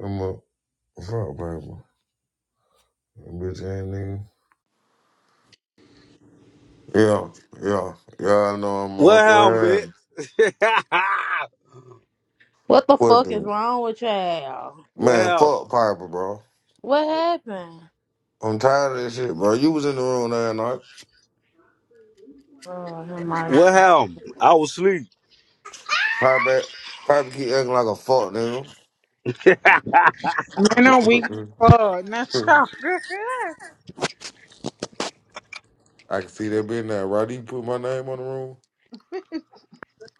I'm a fuck baby. That Bitch ain't nigga. Yeah, yeah, yeah. I know I'm a What happened, Man, bitch? What the what fuck is the wrong with y'all? what man? happened? Fuck Piper, bro. What happened? I'm tired of this shit, bro. You was in the room that night. Oh, have What mercy. happened? I was asleep. Piper, Piper keep acting like a fuck nigga. And on we uh, not y'all. I can see that being there. Roddy, you put my name on the room.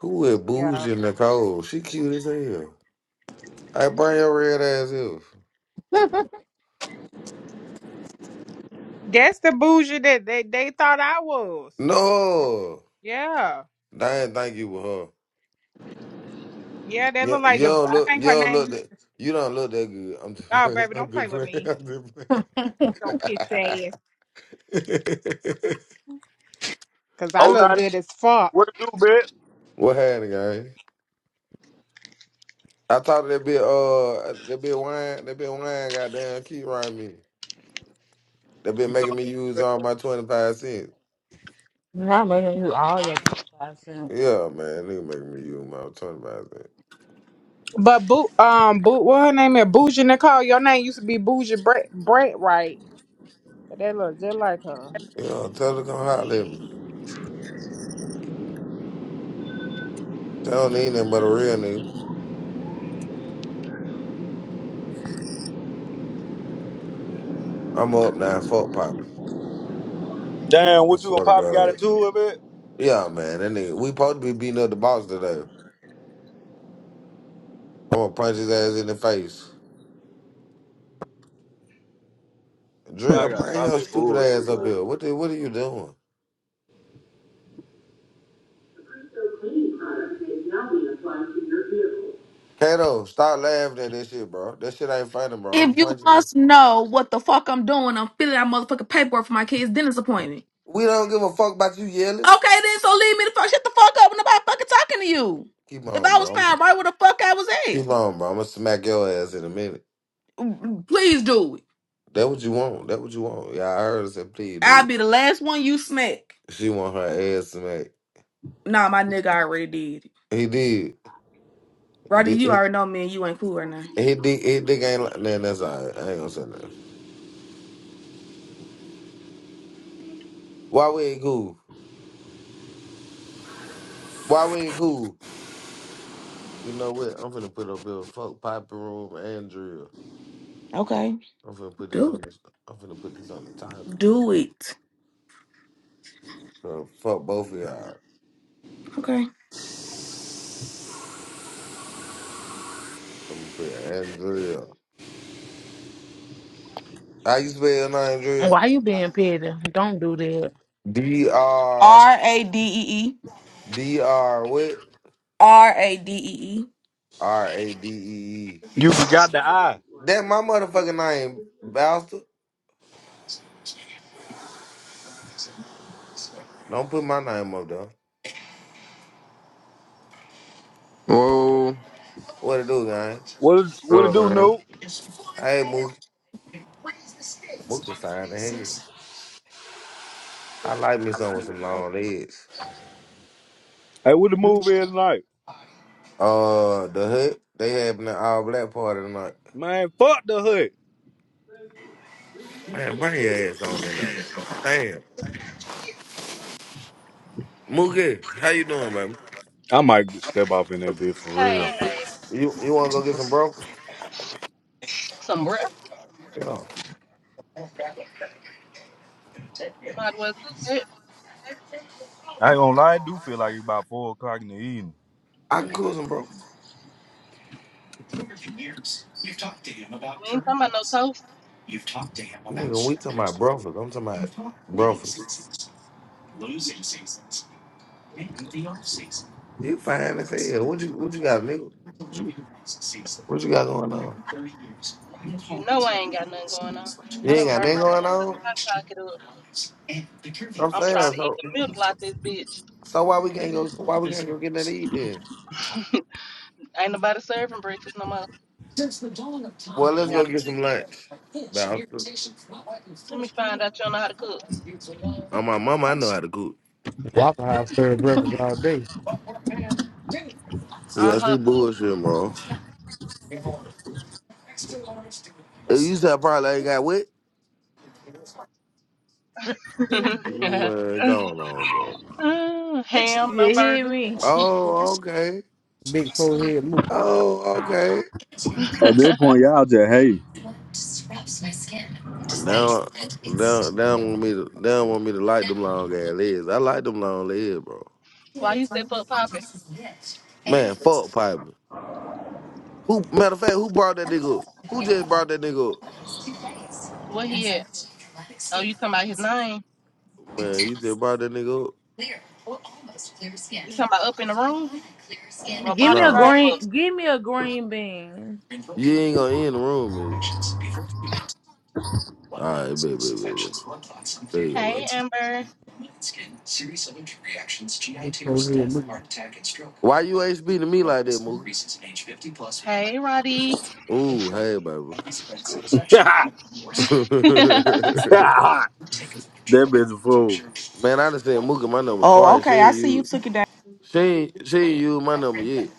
Who is yeah. bougie in the cold? She cute as hell. I bring your red ass here. That's the bougie that they, they thought I was. No, Yeah. I didn't think you were her. Yeah, they Yo, look like the yo, I look, think her yo, look name used that to you don't look that good. I'm just Oh playing. baby, I'm don't play just with me. playing. So I'm pissy ass. just playing. Cause I Oh, look nah, good as what fuck. to do, bitch? what happened, guys? I thought that bit, uh, that bit wine, that bit wine, goddamn, keep riding me. That been You making talk- me use all my twenty five cents. Not making you all your 25 cents. Yeah, man, nigga making me use my twenty five cents. But boo um boo what her name is Bougie Nicole. Your name used to be Bougie Brett Brett, right? But they look just like her. Yeah, tell her to come holler at me. She don't need nothing but a real nigga. I'm up now, fuck popping. Damn, I what you swear and to Poppy got God. into it, bitch? Yeah, man, that nigga. We supposed to be beating up the boss today. I'm gonna punch his ass in the face. Dre, Y'all gotta bring stop your that stupid ass bullshit, up man. here. What the, what are you doing? Kato, stop laughing at that shit, bro. That shit ain't funny, bro. I'm gonna If you punch his ass. must know what the fuck I'm doing, I'm filling out motherfucking paperwork for my kid's dentist appointment. We don't give a fuck about you yelling. Okay, then so leave me the fuck. Shut the fuck up. When nobody fucking talking to you. Keep If on, I bro. was I'm- found right where the fuck I was keep on, bro. I'm gonna smack your ass in a minute. at, please do it. That what you want. That what you want. Yeah, I heard her say, please, I'll dude. be the last one you smack. She want her ass smacked. Nah, my nigga I already did it. He did. Roddy, His you already know me and you ain't cool right now. dick, his dick ain't like, man, that's all right. I ain't gonna say nothing. Why we ain't cool? Why we ain't cool? You know what? I'm finna put up a fuck Piper Room and Drill. Okay, I'm finna put this do on the it. I'm finna put this on the title. Do it. So fuck both of y'all. Okay. I'm gonna put Andrea. How you spell your name, Drill? Why you being petty? Don't do that. D R R A D E E. D R what? R A D E E. R A D E E. You forgot the eye. That my motherfucking name, Bowser. Don't put my name up though. Whoa. What it do, gang? What is, What what it up, do, man? Noob? Hey Mookie. Mookie fine the head. I like me some with some long legs. Hey, what the move is tonight? Uh the hood, they having an all black party tonight. Man, fuck the hood. Man, bring your ass on in there, man. Damn. Mookie, how you doing, baby? I might step off in that bitch for real. Hey, baby. You you wanna go get some brokers? Some bread. Yeah. Might as well cook it. I I ain't I gonna lie, I do feel like it's about 4 o'clock in the evening. I can cook some brokers. We ain't talking about no toast. Nigga, when we talking about brokers, I'm talking about brokers. You fine as hell. What you what you got, nigga? What you what you got going on? You know I ain't got nothing going on. You I ain't done got burnt nothing my going on? motherfucking hot pocket up. I'm I'm saying trying to eat so the milk like this bitch. so why we can't go why we can't go get that eat then? Ain't nobody serving breakfast no more. Well let's go Gotta get cook some it. lunch. Bastard. Let me find out you don't know how to cook. Oh my mama, I know how to cook. Waffle House served breakfast all day. I'll Yeah, she hop bullshit, bro. You said I probably ain't got wet. Man, going on, bro. too. Ham, You no hear burger. me? Oh, okay. Big forehead mookie. Oh, okay. At that point, y'all just Now, now, now want me to now want me to like them long ass legs. I like them long legs, bro. Why you step up, Poppy? Man, fuck Piper. Who matter of fact, who brought that nigga up? Who just brought that nigga up? What he at? Oh, you talking about his name? Man, you just brought that nigga up. You talking about up in the room? Well, Give brought me his a name No, green, up. give me a green bean. you ain't gonna end the room, is it? All right, baby, baby, baby. There you go, Hey, baby. Amber. Big forehead mookie. Why you ain't speaking to me like that, Mookie? Hey, Roddy. Ooh, hey, hey. baby. That bitch fool. Man, I just sent Mooka my number Oh, twice. She okay. I ain't see you you. took it down. She ain't, she ain't used my number yet.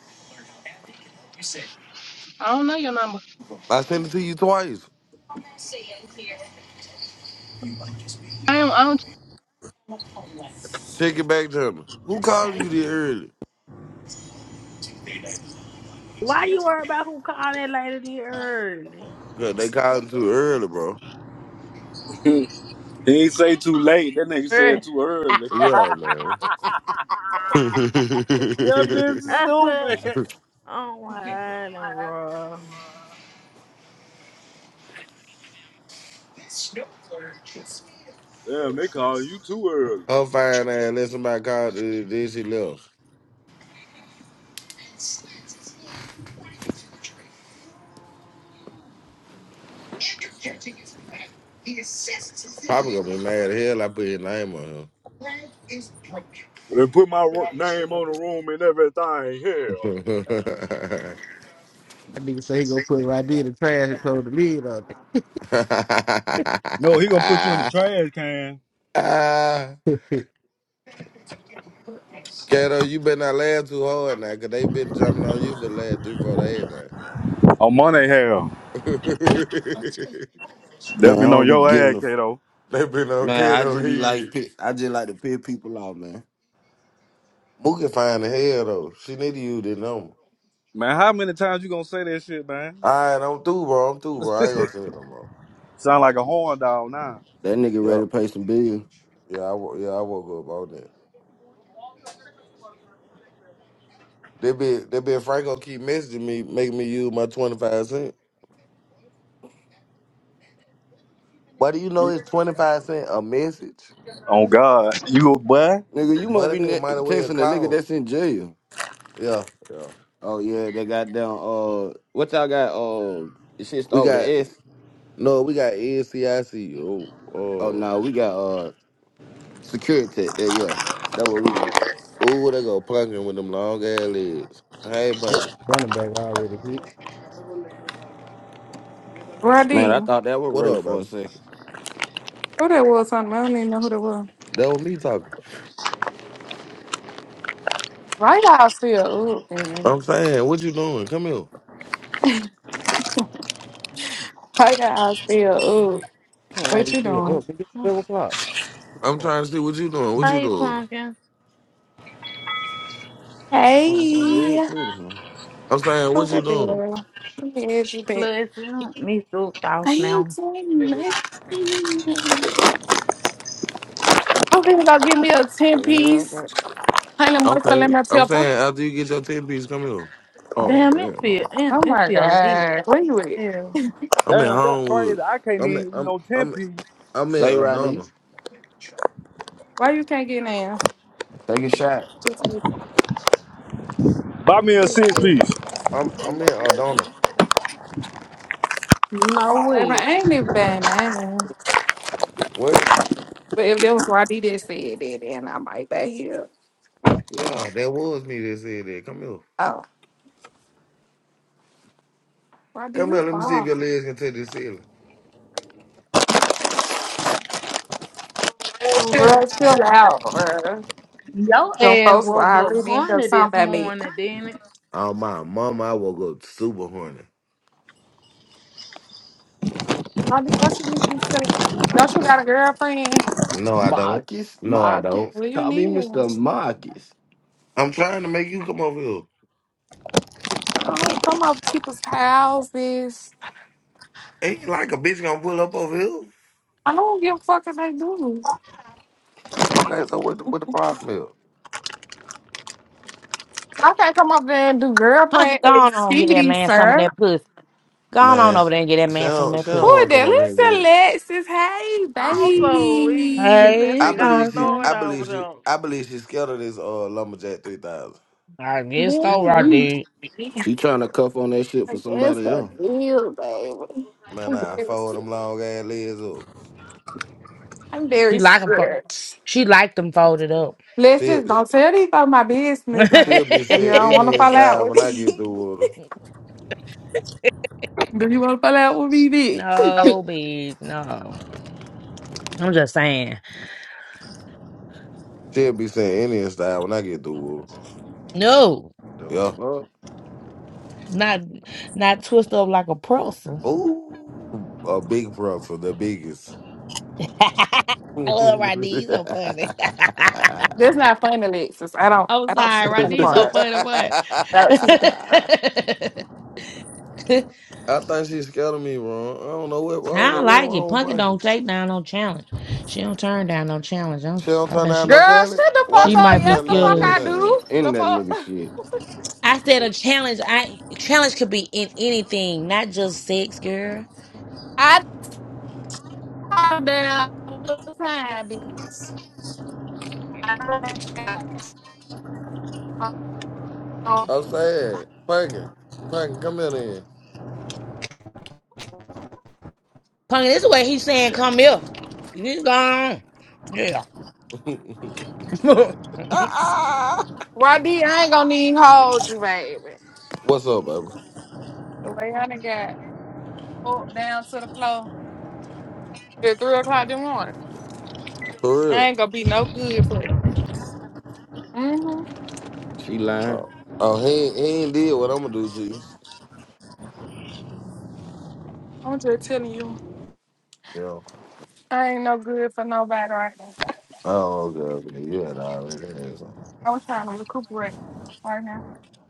I don't know your number. I sent it to you twice. I don't, I don't Check it back to me. Who called you this early? Why you worry about who called that lady the early? Cause they calling too early, bro. he ain't say too late. That nigga said Early. too early. that Yo, man. bitch is stupid. oh my island, bro. Damn, they call you too early. Her fine ass let somebody call this, this she left. Probably gonna be mad as hell I put your name They put my ro- name on the room and everything. Hell. on That nigga say he gonna put it right there in the trash and close the lid on No, he gonna put you in the trash can. him. it. Kato, you been not laughing too hard now, cause they been jumping on you for the last three, four days now. On Monday, hell. That Man, I been on don't be your giving ass, a f- Kato. they been on man. I Kato just be like, here. pi- I just like to pick people out, man. Mookie fine the hell though. She need to use this number. Man, how many times you gonna say that shit, man? Alright, I'm through, bro. I'm through, bro. I ain't gonna say it no more. Sound like a horn dog now. That nigga Yep. ready to pay some bills, Yeah, I wo- yeah, I woke up on that. They been they been Franco keep messaging me, making me use my twenty five cent. But do you know it's twenty five cent a message? Oh God, you a boy. nigga. You But must be that ne- nigga might have well texting a nigga called. that's in jail. Yeah, yeah. Oh yeah, they got down. Uh, what y'all got? Uh, this shit We start with an got S. No, we got NCIC. Oh Oh, no, we got uh security tech. There, yeah, that's what we got. uh, ooh, they go punkin with them long ass legs. Hey, oh, punkin, running back already hit. Man, Roddy, I who thought that was what Ray up, for a baby? second. that was on? I don't even know who that was. That was me talking. Right eye still up, man. I'm saying, what you doing? Come here. Right eye still up. I don't know why What we you still doing? up. It's 7 o'clock. I'm trying to see what you doing. What you Hey, doing? pumpkin. Motherfucker, it Hey, pretty man. I'm saying, what who you that doing? girl? Let me ask you back. Plus, you don't me spooked off I ain't now. doing nothing. I'm gonna go get me a 10 The hell, I piece got- honey mustard Okay. lemon I'm pepper. saying, after you get your ten piece, come here. oh Damn, it hell feel no. it Oh it my feel late. God. Where you at? Hell, I'm in Damn, that's Homewood. crazy. I can't I'm in, even eat I'm no ten I'm piece. I'm in Say Roddy, Adona. Why you can't get in? take a shot. Baby, Buy me a six piece. I'm I'm in Adona. you know what? I ain't even been there. What? But if there was Roddy that said that, then I might be here. Yeah, that was me that said that. Come here. Oh, Roddy, Come here. you Let me see far. if your legs can touch the ceiling. Oh, bro, chill out, bro. Your Them ass folks will woke up already end up horny talking this about me. morning, didn't it? Oh my mama, I woke up super horny. Mommy, Don't you need to be telling? Don't you got a girlfriend? No, I don't. Marcus, No, I Marcus, don't. Well, you call me need one. Mr. Marcus. I'm trying to make you come over here. I don't come up to people's houses. Ain't like a bitch gonna pull up over here. I don't give a fuck if they do. Okay, so what the, what the problem is? I can't come up there and do Monty, girlfriend go on, on and get that activities, man some of sir. that pussy. Go on, on Man, over she there and get that she man some of don't, she that Who don't pussy. is want to come that? over here with Listen, me. Alexis. Hey, She, Also, we, she baby. just Hey, I like, "Go believe she, throw it Pumpkin. I over believe she, there." I believe she's scared of this uh, lumberjack three thousand. I guess so, Man, I we Jesus. did. She Yeah. trying to cuff on that shit I for guess somebody I else. do, baby. Man, I'm I very fold scared. them long ass legs up. I'm very She like them. fo- scared. She like them folded up. Let's She, just she don't tell these folks my no, business now. she'll be If you saying don't want to Indian fall out style with when I me, get through with her. do you want to fall out with me, bitch? bitch, no. I'm just saying. She'll be saying Indian style when I get through with No, her. The Yeah. fuck? not not twist up like a pretzel. Ooh, a big pro for the biggest. I I love Rodney. He's so funny. That's not funny, Alexis. I don't. I'm I don't see sorry, the funny Rodney's so part. funny. I don't see the funny part. What? think she's scared of me, bro. I don't know what. I I don't know don't what like it. wrong with Punky Punkin. don't take down no challenge. She don't turn down no challenge. I'm, She don't I turn think down she no Girl, shut talent. the Why fuck she she up. might keep be Yes, turning the scared down fuck of. this That I shit talent? up do. The in that fuck nigga shit. I said a challenge. I challenge could be in anything, not just sex, girl. I calm down all the time, bitch. I don't care. Um, I'm sad. Punkin, Punkin, come here Punky, this is what he's saying. Come here. He's gone. Yeah. then. Ah, ah. Why D? I ain't gonna need hold you, baby. What's up, baby? The way I done got pulled down to the floor at three o'clock in the morning, For I real? ain't gonna be no good for you. Mm-hmm. She lying. Oh, oh, he ain't- he ain't did what I'm gonna do to you. I'm just telling you, Yeah. I ain't no good for nobody right now. Oh, okay, okay. You had already had some. I'm trying to recuperate right now.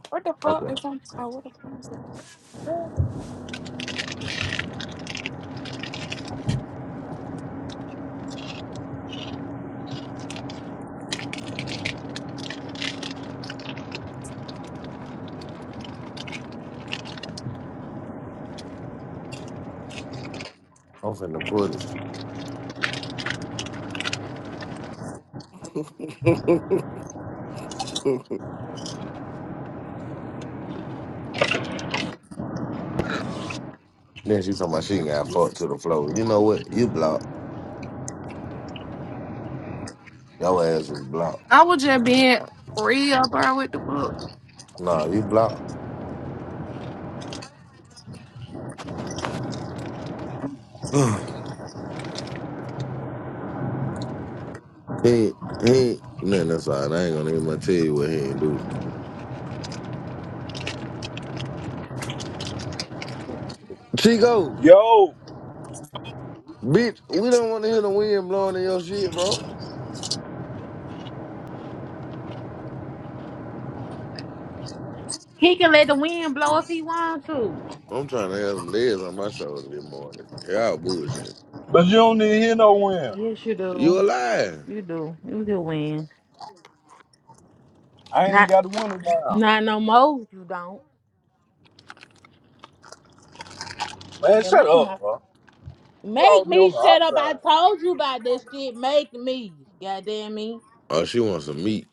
What the fuck Okay, is on? Oh, what the fuck is that? I'm finna put it. Then she talking about she ain't got fucked to the floor. You know what? You blocked. Your ass is blocked. I was just being real, bro. What the fuck? Nah, you blocked. he ain't- he ain't- Man, that's all right. I ain't gonna even gonna tell you what he ain't do. Chico, Yo, bitch, we don't wanna hear the wind blowing in your shit, bro. He can let the wind blow if he want to. I'm trying to have some legs on my shoulder this morning. Y'all bullshit. but you don't need to hear no wind. Yes, you You do. alive. You do. You can win. I ain't even Not, got the window down. not no more. You don't. Man, It shut might be my. up, bro. You Make always be me on the shut up. I outside. told you about this shit. Make me. Goddamn me. Oh, she wants some meat.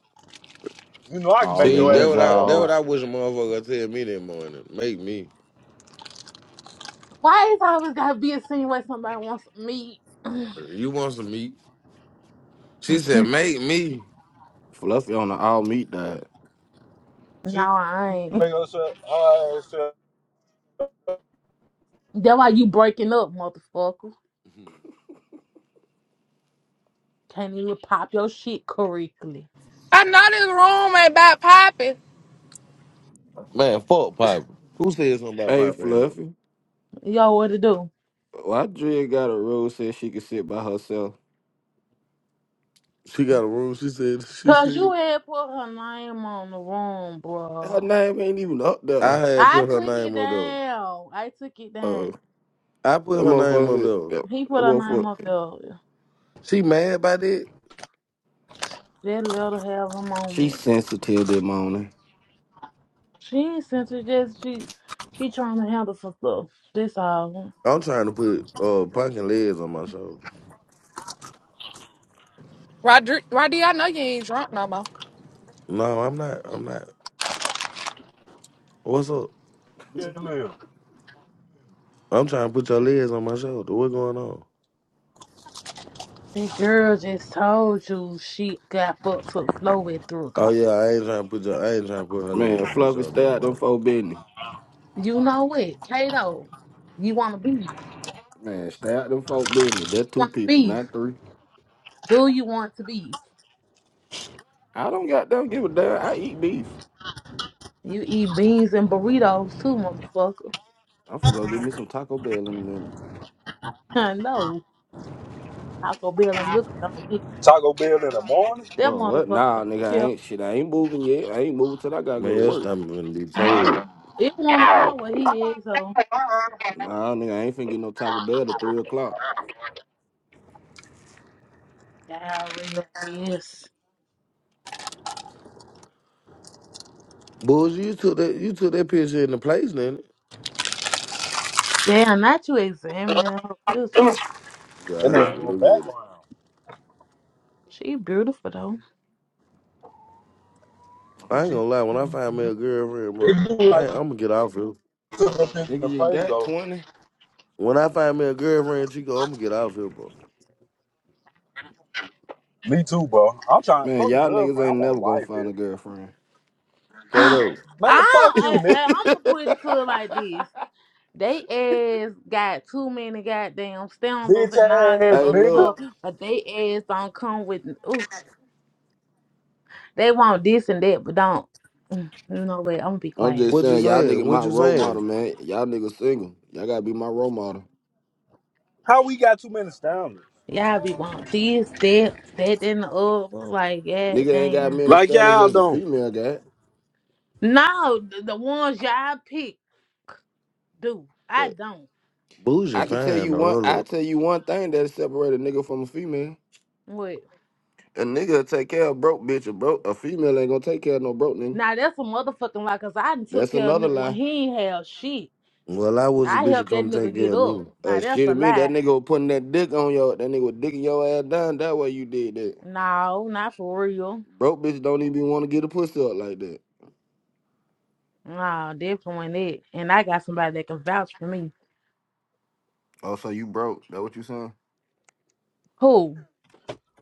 You know I can make all See, in your her that ass what shut I up that what now. jaws. I wish a motherfucker tell me that morning. Make me. Why is I always gotta be insinuating somebody wants me? no, You want some meat? She said, make me. Fluffy on the all meat diet. She can I ain't. make us shut her ass shut up. That why you breaking up, motherfucker. Can't even pop your shit correctly. I know this room ain't about popping. Man, fuck Piper. Who said something about Hey Piper and him? Fluffy. Yo, what to do? Why Drea got a rule said she could sit by herself? She got a room. She said she Cause you said had put her name on the room, Her bro. name ain't even up I there. had I put her took it name up though. down. I took it down. Uh I that put her name up motherfucker said- though. that, He that put her name up motherfucker. there. She mad about it. That let her have a She moment. sensitive this morning. She ain't sent her just she she trying to handle some stuff. That's all. I'm trying to put uh punkin legs on my shoulders. Rodri, Rodri, I know you ain't drunk no more. No, I'm not. I'm not. What's up? Live. I'm trying to put your legs on my shoulder. What's going on? That girl just told you she got fucked to the floor at three Oh o'clock. yeah, I ain't trying to put your I ain't trying to put her legs Man, on my Fluffy, shoulder stay no out them more. folk business. You know what, Kato? You want to beef? Man, stay out them folk business. You That two want to people, beef? not three. Do you want to beef? I don't got don't give a damn. I eat beef. You eat beans and burritos too, motherfucker. I'm finna go get me some Taco Bell in a minute. I know. Taco Bell and Liquor don't mix. Taco Bell in the morning. That But what? motherfucker Nah, don't nigga, I care. ain't shit. I ain't moving yet. I ain't moving till I gotta go Man, to your work. stomach gonna be so up. It one o'clock where he is, so Nah, nigga, I ain't finna get no Taco Bell at three o'clock. diarrhea ass. Bulls, you took that you took that picture in the place, didn't it? Damn, not you examining her. picture. Yeah, I And had then in to the look at it. background. She beautiful though. I ain't She gonna lie. When I find me a girlfriend, bro, it do I like ain't, I'm she gonna get off here. took her picture in the Nigga, you face got though. twenty. When I find me a girlfriend, Chico, I'm gonna get off here, bro. Me too, bro. I'm trying Man, fuck a y'all niggas girlfriend. I ain't want a never gonna wife, find bitch. a girlfriend. I, Kato, Man, fuck you, I, nigga. I I'm gonna put it to it like this. They ass got too many goddamn standards Bitch and all that ass hey, other nigga. stuff, look. but they ass don't come with. Ooh, they want this and that, but don't. Mm, You know what? I'm gonna be I'm quiet. just what you saying, y'all saying? nigga What my you role model, saying? man. Y'all niggas single. Y'all gotta be my role model. How we got too many standards? Y'all be want this, that, that, and the other. Like, yeah, Nigga ain't got damn. many Like standards y'all as a don't. female guy, No, the, the ones y'all pick do. I but don't. Bougie I can tell fine you though. one. Hold I up. tell you one thing that separate a nigga from a female. What? A nigga will take care of broke bitch. A broke a female ain't gonna take care of no broke nigga. Now that's a motherfucking lie, cause I done took That's care of another nigga when lie. he ain't have shit. Well, I was a I bitch to helped that come nigga take care get of up. me. Now Uh, that's shit a to me, that lie. nigga was putting that dick on your, that nigga was dicking your ass down. That way you did that. No, not for real. Broke bitch don't even want to get a pussy up like that. Nah, definitely it. And I got somebody that can vouch for me. Oh, so you broke? That what you saying? Who?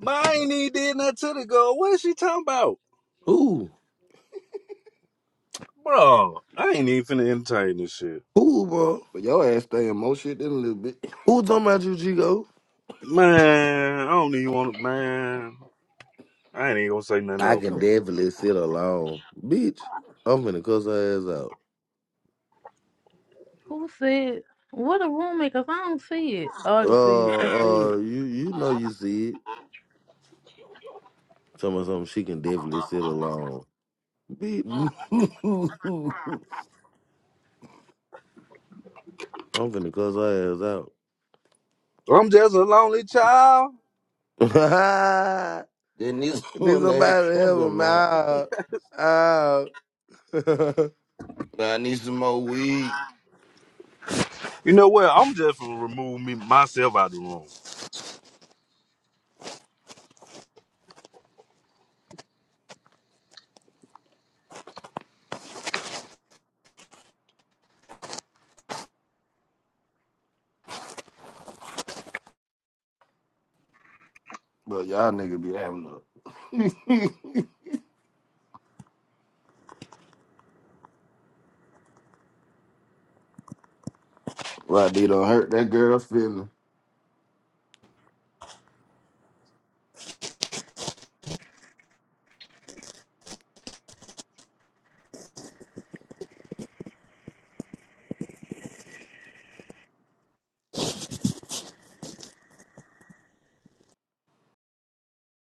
But I ain't even did nothing to the girl. What is she talking about? Who? Bro, I ain't even finna entertain this shit. Who, bro? But your ass stay in more shit than a little bit. Who talking about you, Chico? Man, I don't even want to, man. I ain't even gonna say nothing I else, can definitely sit alone, bitch. I'm finna cuss her ass out. Who said what a roommate? Cause I don't see it. Oh, I can see Uh, it. uh, you you know you see it. Tell me something. She can definitely sit alone, bitch. There I'm finna cuss her bro. I'm just a lonely child. ass out. needs Need one to somebody to help happen, him man. out. Out. But I need some more weed. You know what? I'm just gonna remove me myself out the room. But y'all nigga be having a. Why they don't hurt that girl feeling?